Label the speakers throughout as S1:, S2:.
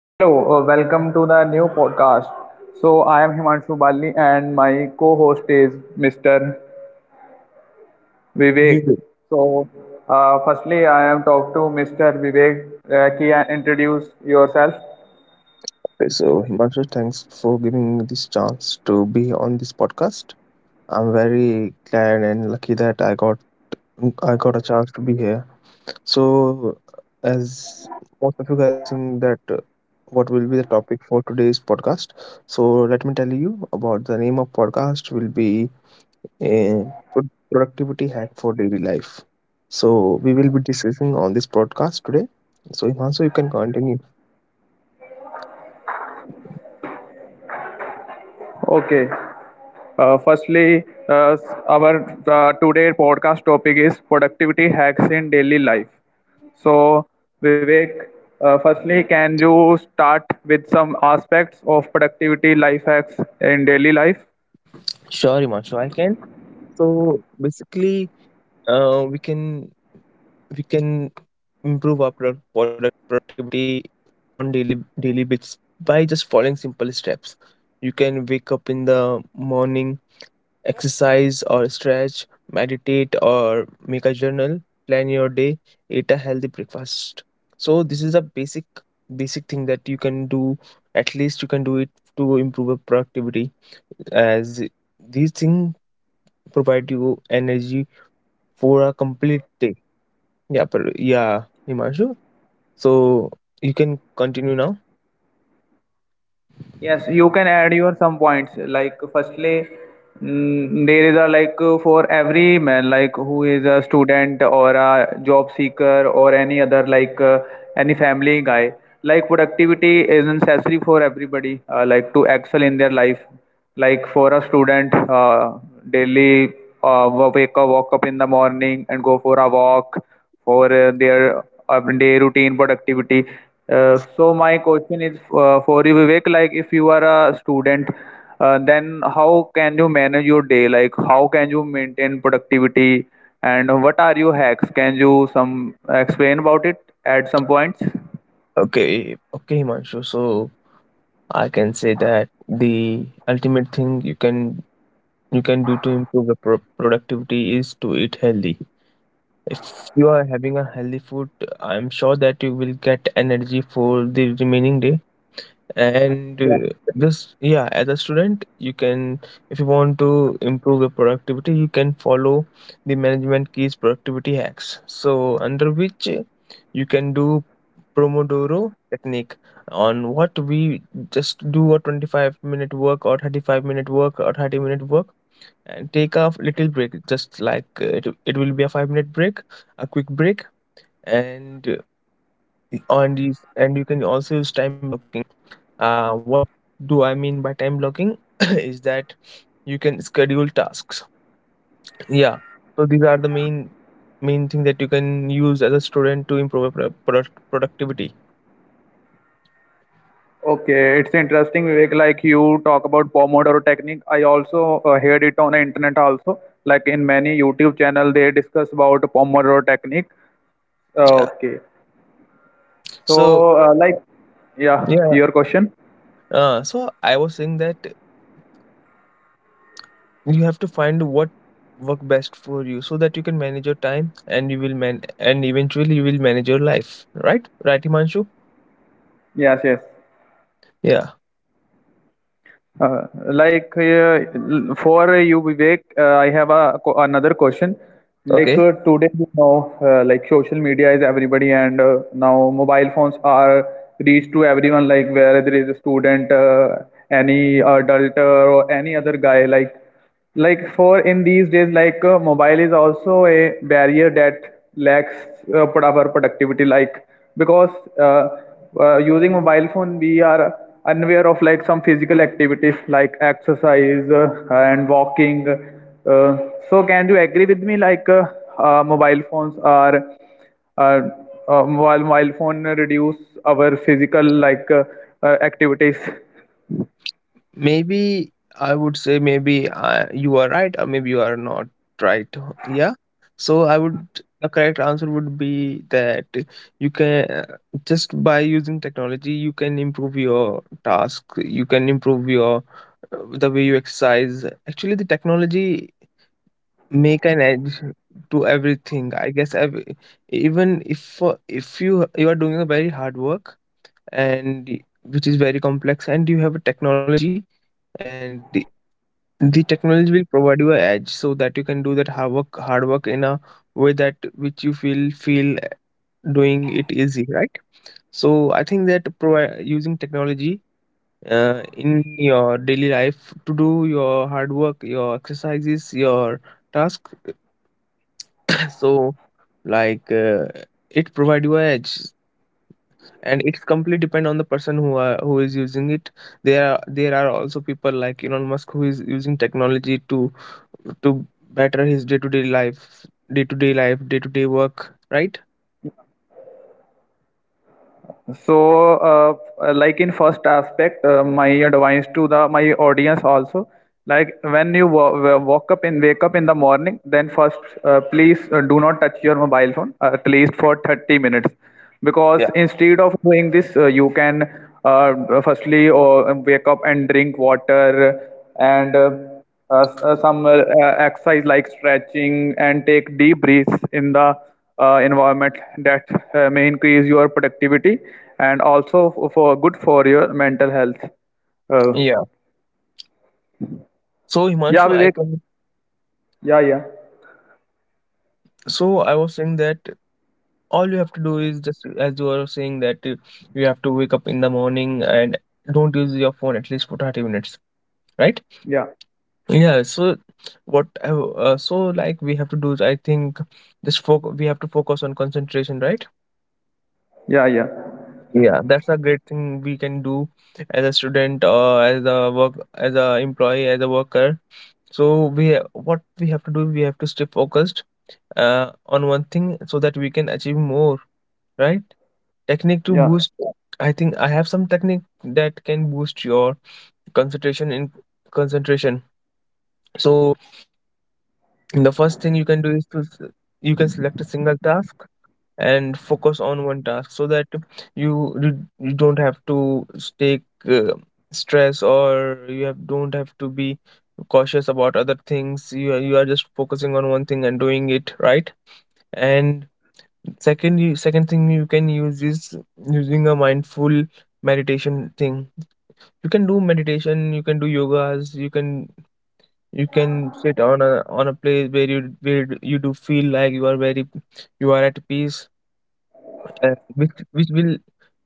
S1: Hello, welcome to the new podcast. So, I am Himanshu Bali and my co host is Mr.
S2: We
S1: Vivek.
S2: will.
S1: So, firstly, I am talk to Mr. Vivek. Can you introduce yourself?
S2: Okay, so Himanshu, thanks for giving me this chance to be on this podcast. I'm very glad and lucky that I got a chance to be here. So, as most of you guys think that what will be the topic for today's podcast, so let me tell you about the name of podcast will be a productivity hack for daily life. So we will be discussing on this podcast today. So Himanshu, you can continue.
S1: Okay. Firstly, our today podcast topic is productivity hacks in daily life. So, Vivek, firstly, can you start with some aspects of productivity life hacks in daily life?
S2: Sure, Himanshu, I can. So basically, uh, we can we can improve our productivity on daily bits by just following simple steps. You can wake up in the morning, exercise or stretch, meditate or make a journal, plan your day, eat a healthy breakfast. So this is a basic thing that you can do. At least you can do it to improve your productivity, as these things provide you energy for a complete day. Yeah, but yeah, Himanshu. So you can continue now.
S1: Yes, you can add your some points. Like firstly, there is a like for every man like who is a student or a job seeker or any other like any family guy. Like productivity is necessary for everybody. Like to excel in their life. Like for a student, daily wake up, walk up in the morning and go for a walk for their day routine productivity. So my question is for you, Vivek. Like, if you are a student, then how can you manage your day? Like, how can you maintain productivity? And what are your hacks? Can you some explain about it at some points?
S2: Okay, okay, Himanshu. So I can say that the ultimate thing you can do to improve the productivity is to eat healthy. If you are having a healthy food, I'm sure that you will get energy for the remaining day. And
S1: Yeah.
S2: this, yeah, as a student you can, if you want to improve your productivity, you can follow the management keys productivity hacks, so under which you can do pomodoro technique on what we just do a 25-minute work or 35-minute work or 30-minute work and take a little break. Just like it will be a 5-minute break, a quick break. And on these, and you can also use time blocking. What do I mean by time blocking is that you can schedule tasks. Yeah, so these are the main thing that you can use as a student to improve your productivity.
S1: Okay, it's interesting, Vivek. Like you talk about Pomodoro technique. I also heard it on the internet also. Like in many YouTube channel, they discuss about Pomodoro technique.
S2: Yeah,
S1: Okay.
S2: so
S1: So, like, yeah,
S2: yeah,
S1: your question.
S2: so I was saying that you have to find what work best for you, so that you can manage your time and you will man— and eventually you will manage your life, right, Himanshu?
S1: Yes, yes.
S2: Yeah,
S1: For you, Vivek, I have a another question. Like
S2: okay.
S1: today, you know, like social media is everybody, and now mobile phones are reached to everyone. Like whether there is a student, any adult, or any other guy, like. Like for in these days like mobile is also a barrier that lacks our productivity like because uh, using mobile phone we are unaware of like some physical activities like exercise and walking so can you agree with me like mobile phones are uh, mobile phone reduce our physical like activities.
S2: Maybe, I would say maybe you are right or maybe you are not right. Yeah. So I would— the correct answer would be that you can, just by using technology, you can improve your task. You can improve your, the way you exercise. Actually, the technology make an edge to everything. I guess every, even if you you are doing a very hard work and y- which is very complex and you have a technology, and the technology will provide you an edge so that you can do that hard work in a way that which you feel doing it easy, right? So I think that provi- using technology, in your daily life to do your hard work, your exercises, your task. So like, it provide you an edge, and it's completely depend on the person who is using it. There are also people like Elon Musk who is using technology to better his day to day life, day to day work, right?
S1: So, like in first aspect, my advice to the my audience also, like when you walk up and wake up in the morning, then first please do not touch your mobile phone at least for 30 minutes,
S2: Yeah,
S1: because instead of doing this, you can uh, firstly wake up and drink water and some exercise like stretching and take deep breaths in the environment that may increase your productivity and also for good for your mental health. Uh,
S2: yeah, so
S1: yeah,
S2: Himanshu, I
S1: Vivek.
S2: can—
S1: Yeah, yeah,
S2: so I was saying that all you have to do is just, as you are saying that you have to wake up in the morning and don't use your phone at least for 30 minutes, right?
S1: yeah,
S2: Yeah, so what I w- so like we have to do, is I think just foc- we have to focus on concentration, right?
S1: yeah, yeah,
S2: Yeah, that's a great thing we can do as a student, or as a work, as a employee, as a worker. So we ha- what we have to do, we have to stay focused on one thing so that we can achieve more, right? Technique to
S1: yeah,
S2: boost, I think I have some technique that can boost your concentration in concentration. So the first thing you can do is to s- you can select a single task and focus on one task, so that you you you don't have to s- take uh, stress, or you have don't have to be cautious about other things. You are just focusing on one thing and doing it right. And second thing you can use is using a mindful meditation thing. You can do meditation, you can do yogas, you can, you can sit on a place where you do feel like you are very, you are at peace. Which will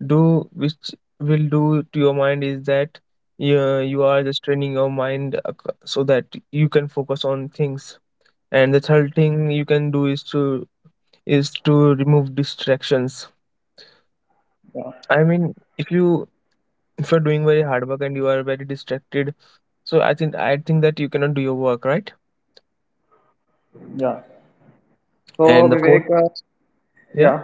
S2: do which will do to your mind is that you are just training your mind ac- so that you can focus on things. And the third thing you can do is to, is to remove distractions.
S1: yeah,
S2: I mean, if you, if you're doing very hard work and you are very distracted, so I think that you cannot do your work, right?
S1: yeah. So
S2: And the fourth,
S1: Vivek,
S2: yeah,
S1: yeah.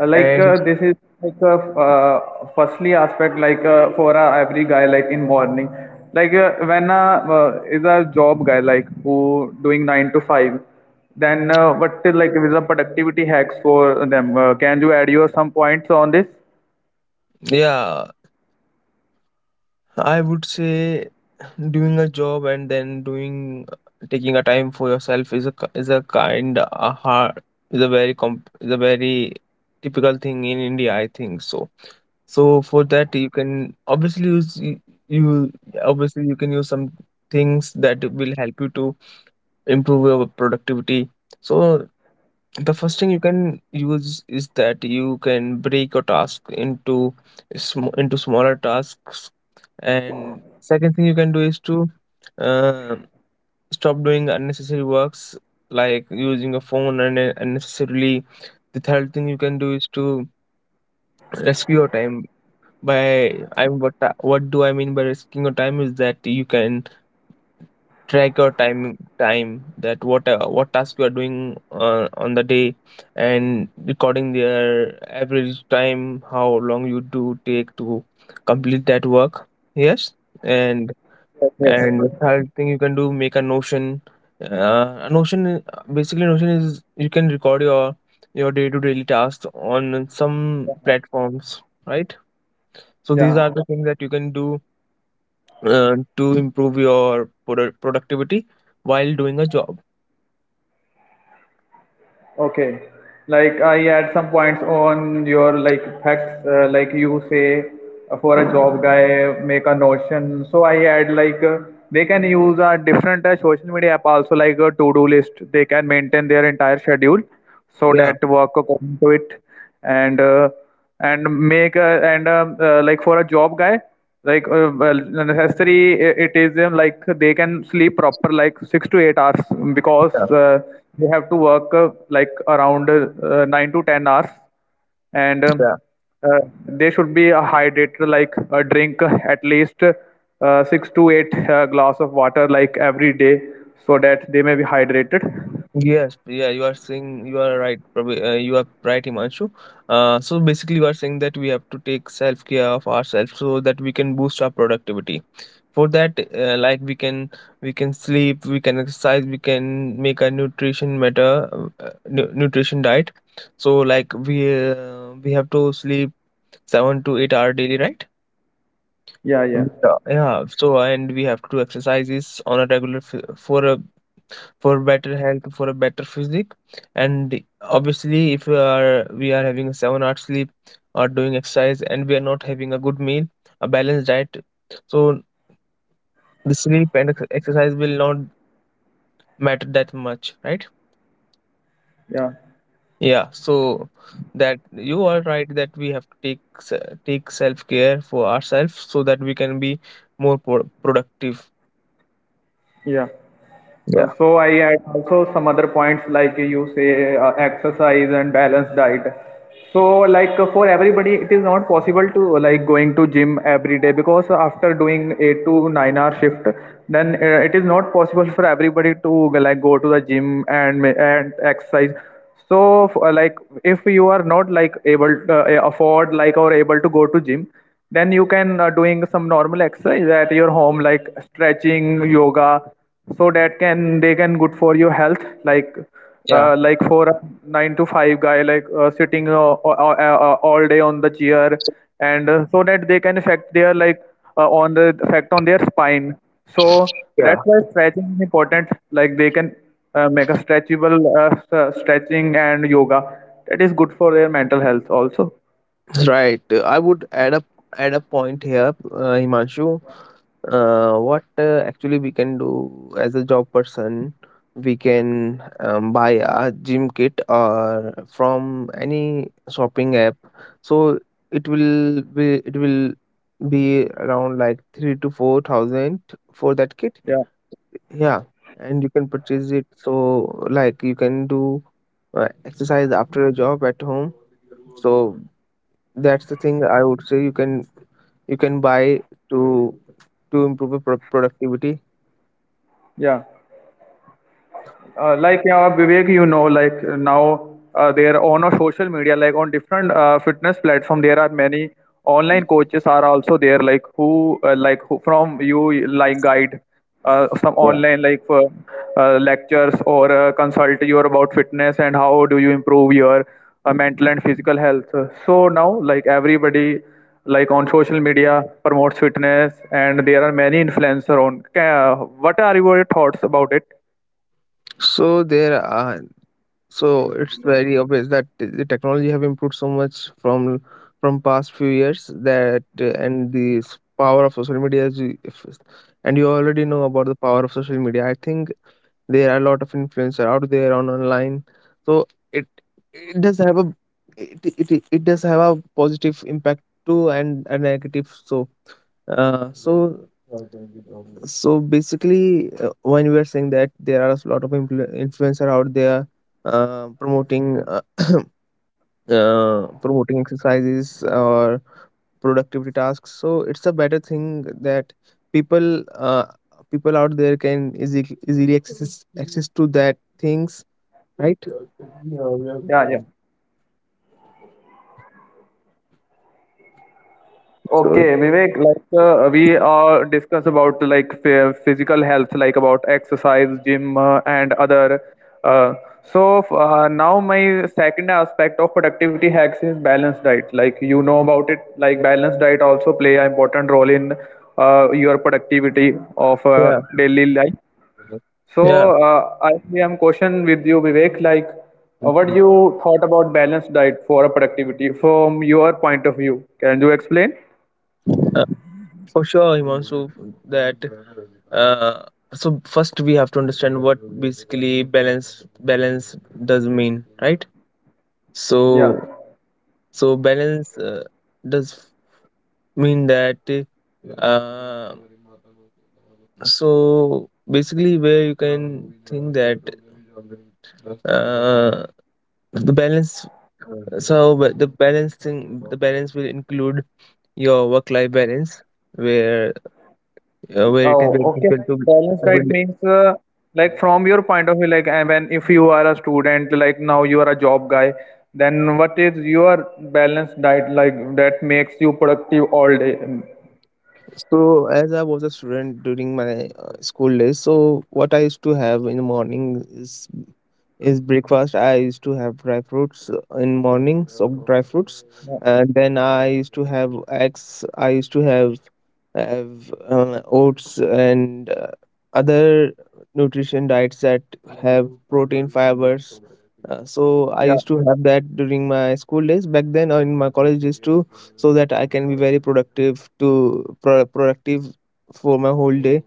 S1: Like
S2: and
S1: this is like a firstly aspect like for every guy like in morning like when is a job guy like who doing 9 to 5, then what is like is a productivity hacks for them? Can you add your some points on this?
S2: yeah, I would say doing a job and then doing, taking a time for yourself is a k- is a kind a hard, is a very comp, is a very typical thing in India, I think so. So for that you can obviously use y- you obviously you can use some things that will help you to improve your productivity. So the first thing you can use is that you can break your task into sm into smaller tasks. And second thing you can do is to uh, stop doing unnecessary works like using a phone and unnecessarily. The third thing you can do is to rescue your time by— I— what ta- what do I mean by risking your time is that you can track your time that what, what task you are doing on the day, and recording their average time, how long you do take to complete that work. Yes, and—
S1: Yes,
S2: and the
S1: yes.
S2: third thing you can do, make a Notion. A Notion, I- basically, Notion is you can record your day to daily tasks on some platforms, right? So these
S1: Yeah.
S2: are the things that you can do to improve your productivity while doing a job.
S1: Okay. Like I add some points on your like facts, like you say for a job guy make a notion. So I add like they can use a different social media app also like a to-do list. They can maintain their entire schedule so
S2: Yeah,
S1: that work according to it and uh, and make a, and like for a job guy like well, necessary it is like they can sleep proper like 6 to 8 hours because
S2: yeah,
S1: they have to work like around 9 to 10 hours and
S2: yeah.
S1: uh, they should be a hydrator like a drink at least 6 to 8 glass of water like every day so that they may be hydrated.
S2: Yes, yeah, you are saying you are right. Probably, you are right, Himanshu. So basically, you are saying that we have to take self care of ourselves so that we can boost our productivity. For that like we can, we can sleep, we can exercise, we can make a nutrition matter, nutrition diet. So like we, we have to sleep 7 to 8 hour daily, right?
S1: Yeah, yeah,
S2: Yeah, yeah. So, and we have to do exercises on a regular f- for a, for better health, for a better physique. And obviously if we are, we are having a 7 hour sleep or doing exercise, and we are not having a good meal, a balanced diet, so the sleep and ex- exercise will not matter that much, right?
S1: yeah,
S2: Yeah, so that— you are right that we have to take se- take self care for ourselves so that we can be more productive.
S1: yeah. Uh,
S2: Yeah,
S1: so I add also some other points like you say exercise and balanced diet. So like for everybody, it is not possible to like going to gym every day because after doing 8 to 9 hour shift, then it is not possible for everybody to like go to the gym and and exercise. So like if you are not like able to afford like or able to go to gym, then you can doing some normal exercise at your home like stretching, yoga so that can they can good for your health
S2: yeah,
S1: like for a nine to five guy like sitting all day on the chair and so that they can affect their like on the effect on their spine, so that's
S2: yeah.
S1: why stretching is important like they can make a stretchable stretching and yoga that is good for their mental health also.
S2: Right, I would add up, add a point here, Himanshu. What actually we can do as a job person, we can buy a gym kit or from any shopping app. So it will be around like 3 to 4 thousand for that kit.
S1: Yeah,
S2: Yeah, and you can purchase it. So like you can do exercise after a job at home. So that's the thing I would say you can, you can buy to to improve your productivity.
S1: yeah. Like yeah, Vivek, you know, like now there on a social media, like on different fitness platform, there are many online coaches are also there, like who from you like guide some
S2: Yeah,
S1: online like for, lectures or consult you about fitness and how do you improve your mental and physical health. So now like everybody like on social media promotes fitness and there are many influencer on. What are your thoughts about it?
S2: so there are— so it's very obvious that the technology have improved so much from past few years that and the s- power of social media is, if, and you already know about the power of social media, I think. There are a lot of influencer out there on online, so it does have a— it, it does have a positive impact too, and a negative. So so so basically when we are saying that there are a lot of influ- influencer out there promoting promoting exercises or productivity tasks, so it's a better thing that people, uh, people out there can easily access to that things, right?
S1: Yeah, yeah.
S2: So
S1: Okay, Vivek, like we discuss about like physical health, like about exercise, gym, and other. Uh, Now my second aspect of productivity hacks is balanced diet. Like you know about it, like balanced diet also play an important role in your productivity of
S2: yeah,
S1: daily life.
S2: yeah.
S1: So I am question with you, Vivek, like what you thought about balanced diet for productivity from your point of view. Can you explain?
S2: Uh, for sure, Himanshu, that uh, so first we have to understand what basically balance does mean, right? So
S1: Yeah.
S2: so balance does mean that uh, so basically where you can think that uh, the balance so but the balance thing the balance will include your work life balance where where it is
S1: Oh,
S2: very
S1: okay.
S2: difficult
S1: Like
S2: to
S1: balanced diet
S2: build.
S1: means like from your point of view, like and when if you are a student, like now you are a job guy, then what is your balanced diet like that makes you productive all day?
S2: So as I was a student during my school days, so what I used to have in the morning is breakfast. I used to have dry fruits in mornings, of dry fruits, and then I used to have eggs. I used to have oats and other nutrition diets that have protein, fibers. So I
S1: Yeah.
S2: used to have that during my school days back then, or in my college days too, so that I can be very productive, to productive for my whole day.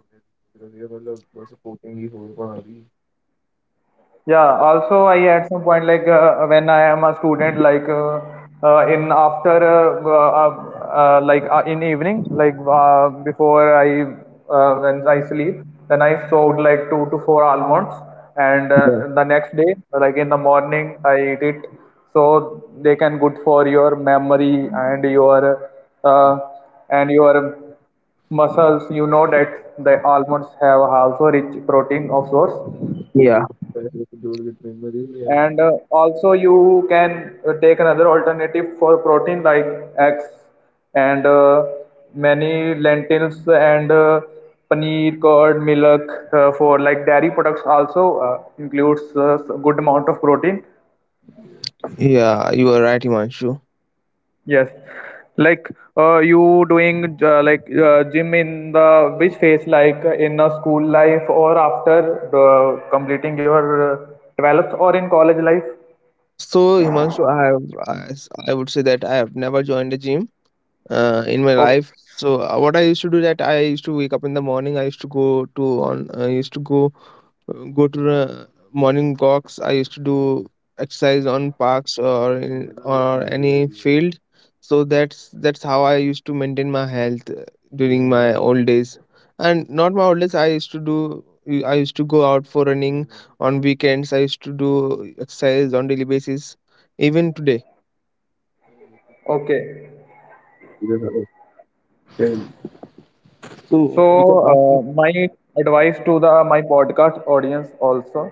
S1: Yeah, also I at some point like when I am a student like in after like in evening like before I when I sleep then I soak like two to four almonds and
S2: yeah
S1: the next day like in the morning I eat it so they can good for your memory uh, and your muscles. You know that the almonds have also rich protein of source.
S2: yeah
S1: And also, you can take another alternative for protein like eggs and many lentils and paneer, curd, milk. For like dairy products, also includes good amount of protein.
S2: yeah you are right, Himanshu.
S1: Yes, like you doing like gym in the which phase, like in a school life or after completing your 12th or in college life?
S2: So, Himanshu, have, I would say that I have never joined a gym in my
S1: Okay.
S2: life. So what I used to do, that I used to wake up in the morning. I used to go to on. I used to go to the morning walks. I used to do exercise on parks, or any field. So that's how I used to maintain my health during my old days. I used to do, I used to go out for running on weekends. I used to do exercise on daily basis, even today.
S1: Okay.
S2: So
S1: So,
S2: you can ask me.
S1: my advice to the my podcast audience also,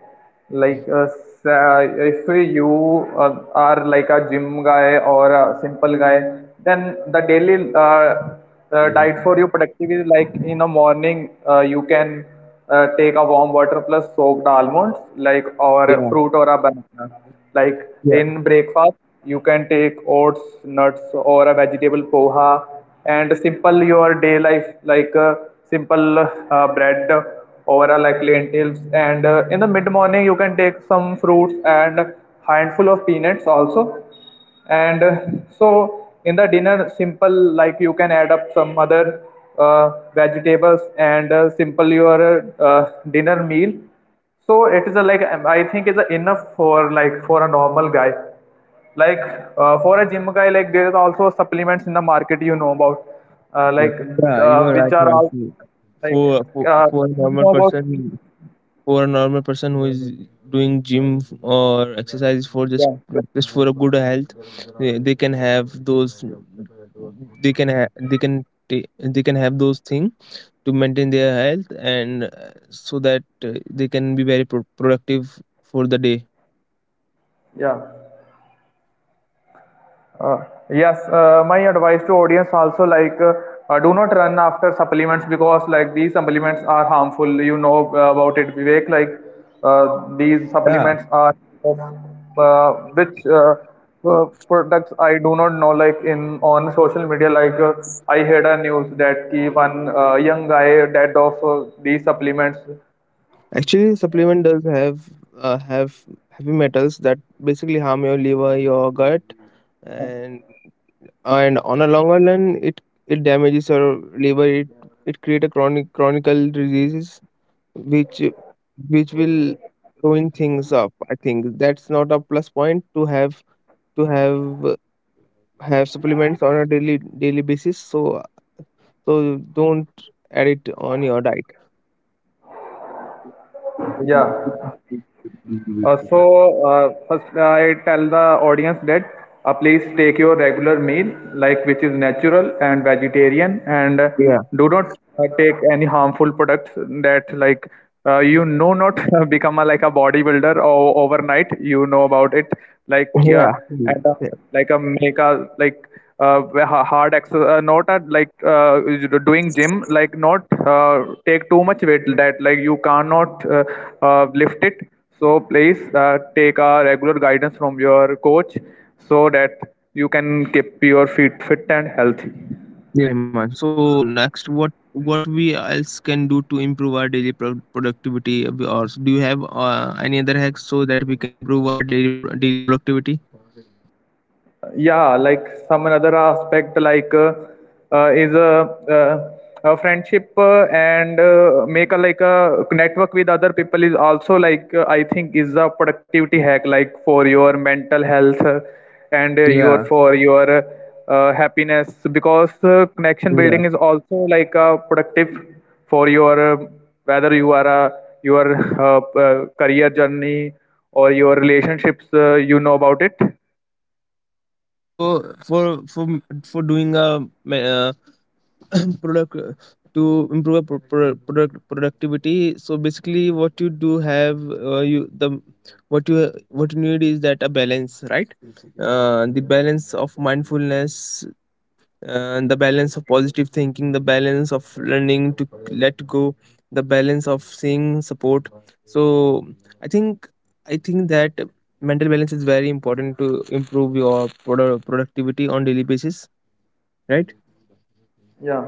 S1: like if you are like a gym guy or a simple guy, then the daily
S2: Yeah,
S1: diet for you productivity, like in the morning, you can take a warm water plus soaked almonds like or a
S2: yeah,
S1: fruit or a banana like
S2: yeah.
S1: in breakfast you can take oats, nuts or a vegetable poha and simple your day life like simple bread or like lentils and in the mid morning you can take some fruits and handful of peanuts also. And so in the dinner simple like you can add up some other vegetables and simple your dinner meal. So it is a, like I think it's a enough for like for a normal guy. Like for a gym guy like there is also supplements in the market. You know about like
S2: You are right,
S1: which are all
S2: Himanshu.
S1: like
S2: For for
S1: uh,
S2: for a
S1: you
S2: normal
S1: know about supplements.
S2: person, for a normal person who is doing gym, or exercise, for
S1: Yeah,
S2: just for a good health, they can have those. They can have they can they can have those things to maintain their health, and so that they can be very productive for the day.
S1: yeah. Uh, yes, my advice to audience also like do not run after supplements because like these supplements are harmful. You know about it, Vivek. Like these
S2: Yeah.
S1: supplements are of, which products I do not know. Like in on social media, like I heard a news that ki one young guy died of these supplements.
S2: Actually, supplement does have heavy metals that basically harm your liver, your gut, and and on a longer run, it damages your liver. It create a chronical diseases which which will ruin things up. I think that's not a plus point to to have have supplements on a daily basis. So so don't add it on your diet.
S1: Yeah. Uh, so, First I tell the audience that please take your regular meal, like which is natural and vegetarian, and
S2: Yeah.
S1: do not take any harmful products that like you know not become a, like a bodybuilder or overnight. You know about it, like yeah,
S2: Yeah. Mm.
S1: and
S2: Yeah.
S1: like a make a like hard exercise, not at like doing gym, like not take too much weight that like you cannot lift it. So please take a regular guidance from your coach so that you can keep your feet fit and healthy.
S2: Yeah, Himanshu. So next, what we else can do to improve our daily productivity? Of yours? Do you have any other hacks so that we can improve our daily productivity?
S1: Yeah, like some another aspect like uh, is a, uh, a friendship and make a like a network with other people is also like I think is a productivity hack like for your mental health and your
S2: Yeah.
S1: for your happiness because connection
S2: Yeah.
S1: building is also like a productive for your whether you are a your career journey or your relationships, you know about it.
S2: So for doing product to improve a productivity. So basically, what you do have you the what you need is that a balance, right? The balance of mindfulness and the balance of positive thinking, the balance of learning to let go, the balance of seeing support. So I think I think that mental balance is very important to improve your productivity on daily basis, right?
S1: Yeah.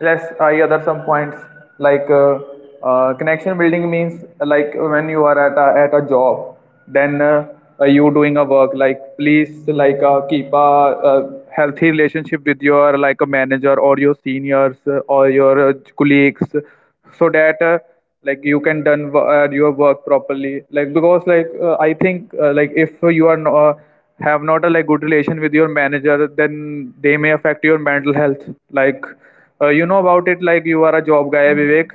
S1: let's I other some points like connection building means like when you are at a job then you doing a work, like please, like keep a, uh, healthy relationship with your like a manager or your seniors, or your colleagues so that, like you can done your work properly, like because like I think like if you are no, have not a like good relation with your manager, then they may affect your mental health. Like you know about it, like you are a job guy, Vivek.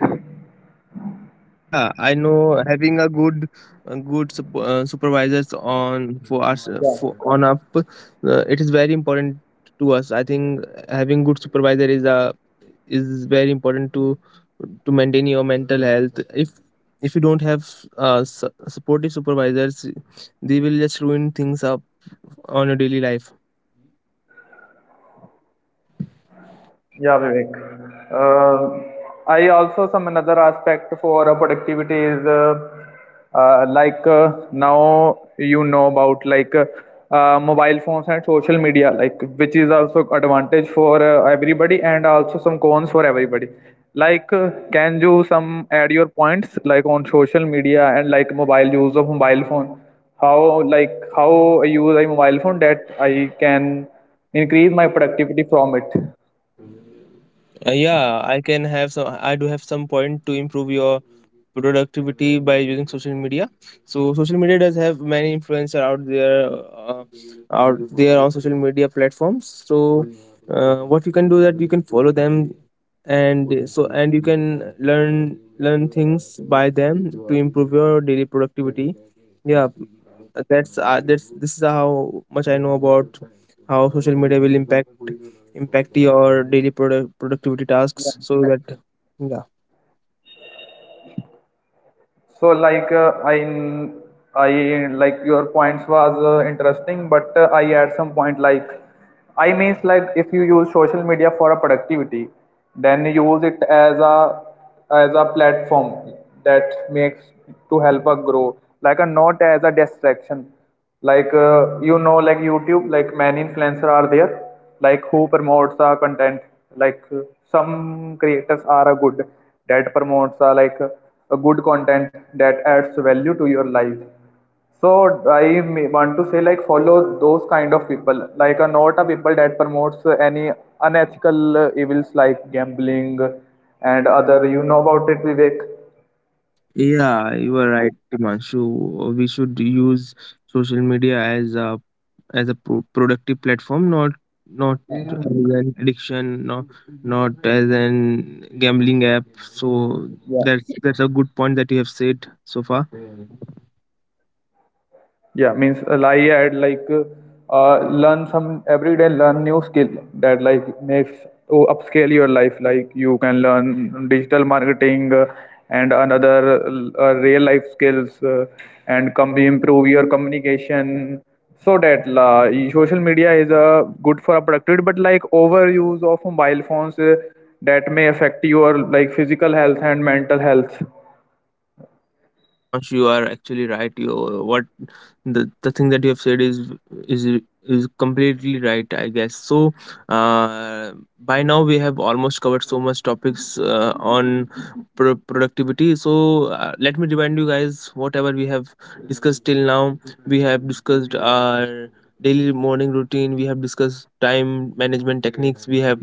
S2: Yeah, I know having a good supervisors on for us
S1: Yeah.
S2: for on up, it is very important to us. I think having good supervisor is a is very important to maintain your mental health. If you don't have supportive supervisors, they will just ruin things up on your daily life.
S1: Yeah, Vivek. I also some another aspect for productivity is like now you know about like mobile phones and social media, like which is also advantage for everybody and also some cons for everybody. Like, can you some add your points like on social media and like mobile use of mobile phone? How, like how I use a mobile phone that I can increase my productivity from it.
S2: Yeah, I can have some. I do have some point to improve your productivity by using social media. So social media does have many influencer uh, out there on social media platforms. So what you can do, that you can follow them, and so and you can learn learn things by them to improve your daily productivity. Yeah, that's this is how much I know about how social media will impact your daily productivity tasks, so that yeah.
S1: So like I like your points was interesting, but I add some point like I means like if you use social media for a productivity, then you use it as a platform that makes to help us grow, like a not as a distraction. Like you know, like YouTube, like many influencer are there like who promotes the content like some creators are a good that promotes, like a good content that adds value to your life. So I want to say like follow those kind of people, like a not a people that promotes any unethical evils like gambling and other, you know about it, Vivek.
S2: Yeah, you are right, Himanshu. We should use social media as a pro productive platform, not as an addiction, not as an gambling app. So
S1: Yeah.
S2: that's a good point that you have said so far.
S1: Yeah, means like I had like learn some every day, learn new skill that like makes to upscale your life. Like you can learn digital marketing and another real life skills, and come improve your communication. So that la social media is good for a productivity, but like overuse of mobile phones that may affect your like physical health and mental health.
S2: Yeah, Himanshu, you are actually right. You, the thing that you have said is is is completely right, I guess. So, uh, by now we have almost covered so much topics on productivity. So, let me remind you guys whatever we have discussed till now. We have discussed our daily morning routine. We have discussed time management techniques. We have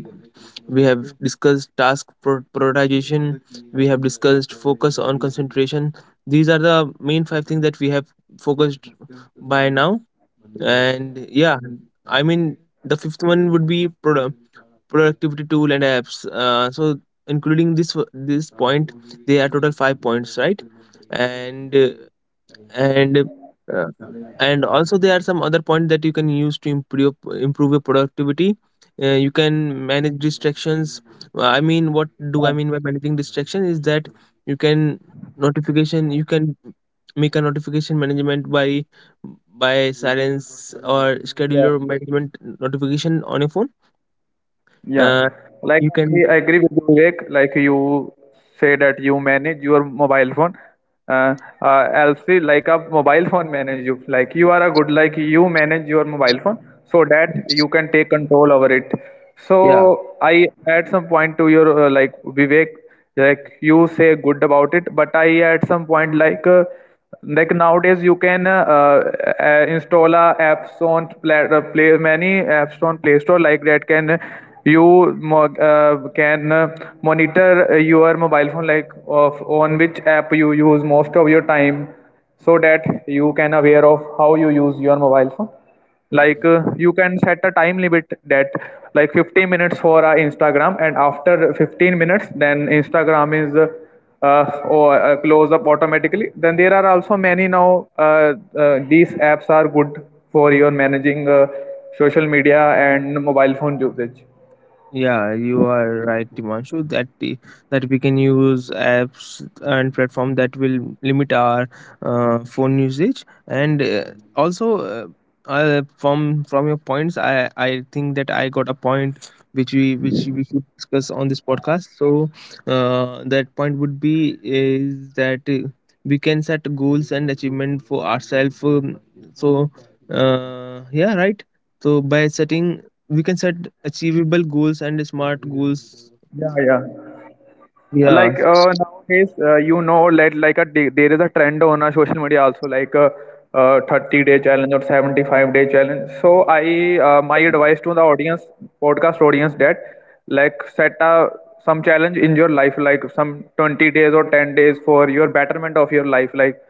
S2: we have discussed task prioritization, we have discussed focus on concentration. These are the main five things that we have focused by now. And yeah, I mean the fifth one would be productivity tool and apps. So including this point, they are total five points, right? And and uh, and also there are some other points that you can use to improve your productivity. You can manage distractions. I mean, what do I mean by managing distraction is that you can notification you can make a notification management by silence or scheduler management notification on your phone.
S1: Yeah,
S2: Uh,
S1: like
S2: you can
S1: I agree with you, Vivek. Like you say that you manage your mobile phone. Uh, Elsie, like a mobile phone manage you. Like you are a good, like you manage your mobile phone so that you can take control over it.
S2: yeah.
S1: So I add some point to your, like Vivek, like you say good about it, but I add some point like. Like nowadays you can install a apps on play many apps on play store like that can you mo- can monitor your mobile phone like of on which app you use most of your time, so that you can aware of how you use your mobile phone. Like you can set a time limit that like 15 minutes for Instagram, and after 15 minutes then Instagram is or close up automatically. Then there are also many now these apps are good for your managing social media and mobile phone usage.
S2: Yeah, you are right, Dimanshu. That we can use apps and platform that will limit our phone usage, and also from your points, I think that I got a point which we should discuss on this podcast. So that point would be is that we can set goals and achievement for ourselves. So yeah, right. So by setting, we can set achievable goals and smart goals.
S1: Yeah, yeah,
S2: Yeah,
S1: like nowadays you know that like a day, there is a trend on our social media also like a, 30-day challenge or 75-day challenge. So I my advice to the audience, podcast audience, that like set a some challenge in your life like some 20 days or 10 days for your betterment of your life, like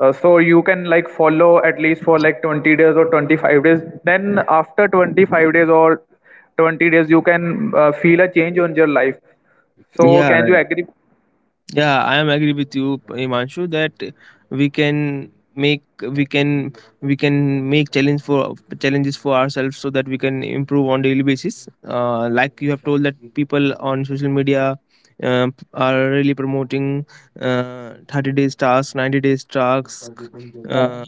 S1: so you can like follow at least for like 20 days or 25 days. Then after 25 days or 20 days you can feel a change on your life. So
S2: yeah,
S1: can you agree?
S2: yeah, I am agree with you, Imanshu, that we can make we can we can make challenges for ourselves so that we can improve on daily basis. Like you have told that people on social media uh, are really promoting 30 days tasks, 90 days tasks.
S1: Yeah,
S2: uh,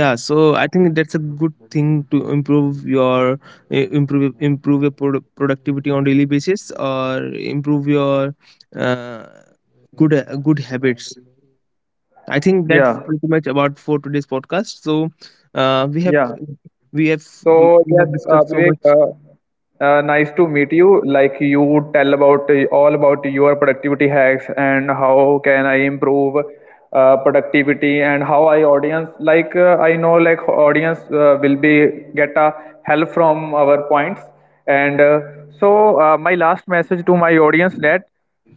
S2: yeah, so I think that's a good thing to improve your improve your productivity on daily basis, or improve your uh, good good habits. I think that's
S1: yeah,
S2: pretty much about for today's podcast. So we have
S1: yeah.
S2: we have we,
S1: So
S2: we
S1: yes,
S2: have discussed so
S1: Vivek,
S2: much.
S1: nice to meet you. Like you tell about all about your productivity hacks and how can I improve productivity, and how I audience like I know like audience will be get a help from our points. And so my last message to my audience that.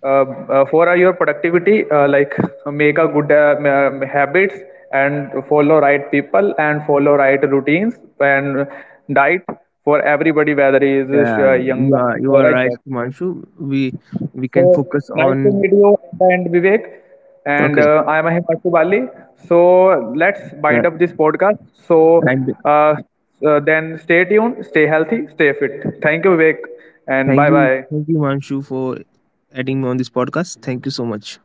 S1: uh, Four are your productivity, like make a good habits and follow right people and follow right routines and diet for everybody, whether he is
S2: Yeah,
S1: young
S2: you are
S1: or a
S2: right,
S1: job.
S2: Manshu. we we
S1: So
S2: can focus
S1: nice to
S2: on.
S1: meet you at the end, Vivek. And
S2: Okay.
S1: I am Himanshu Bali. So let's
S2: uh,
S1: bind up this podcast. So
S2: and
S1: uh, then stay tuned, stay healthy, stay fit. Thank you, Vivek. And
S2: Thank
S1: bye
S2: you,
S1: bye.
S2: thank you, Manshu, for adding me on this podcast. Thank you so much.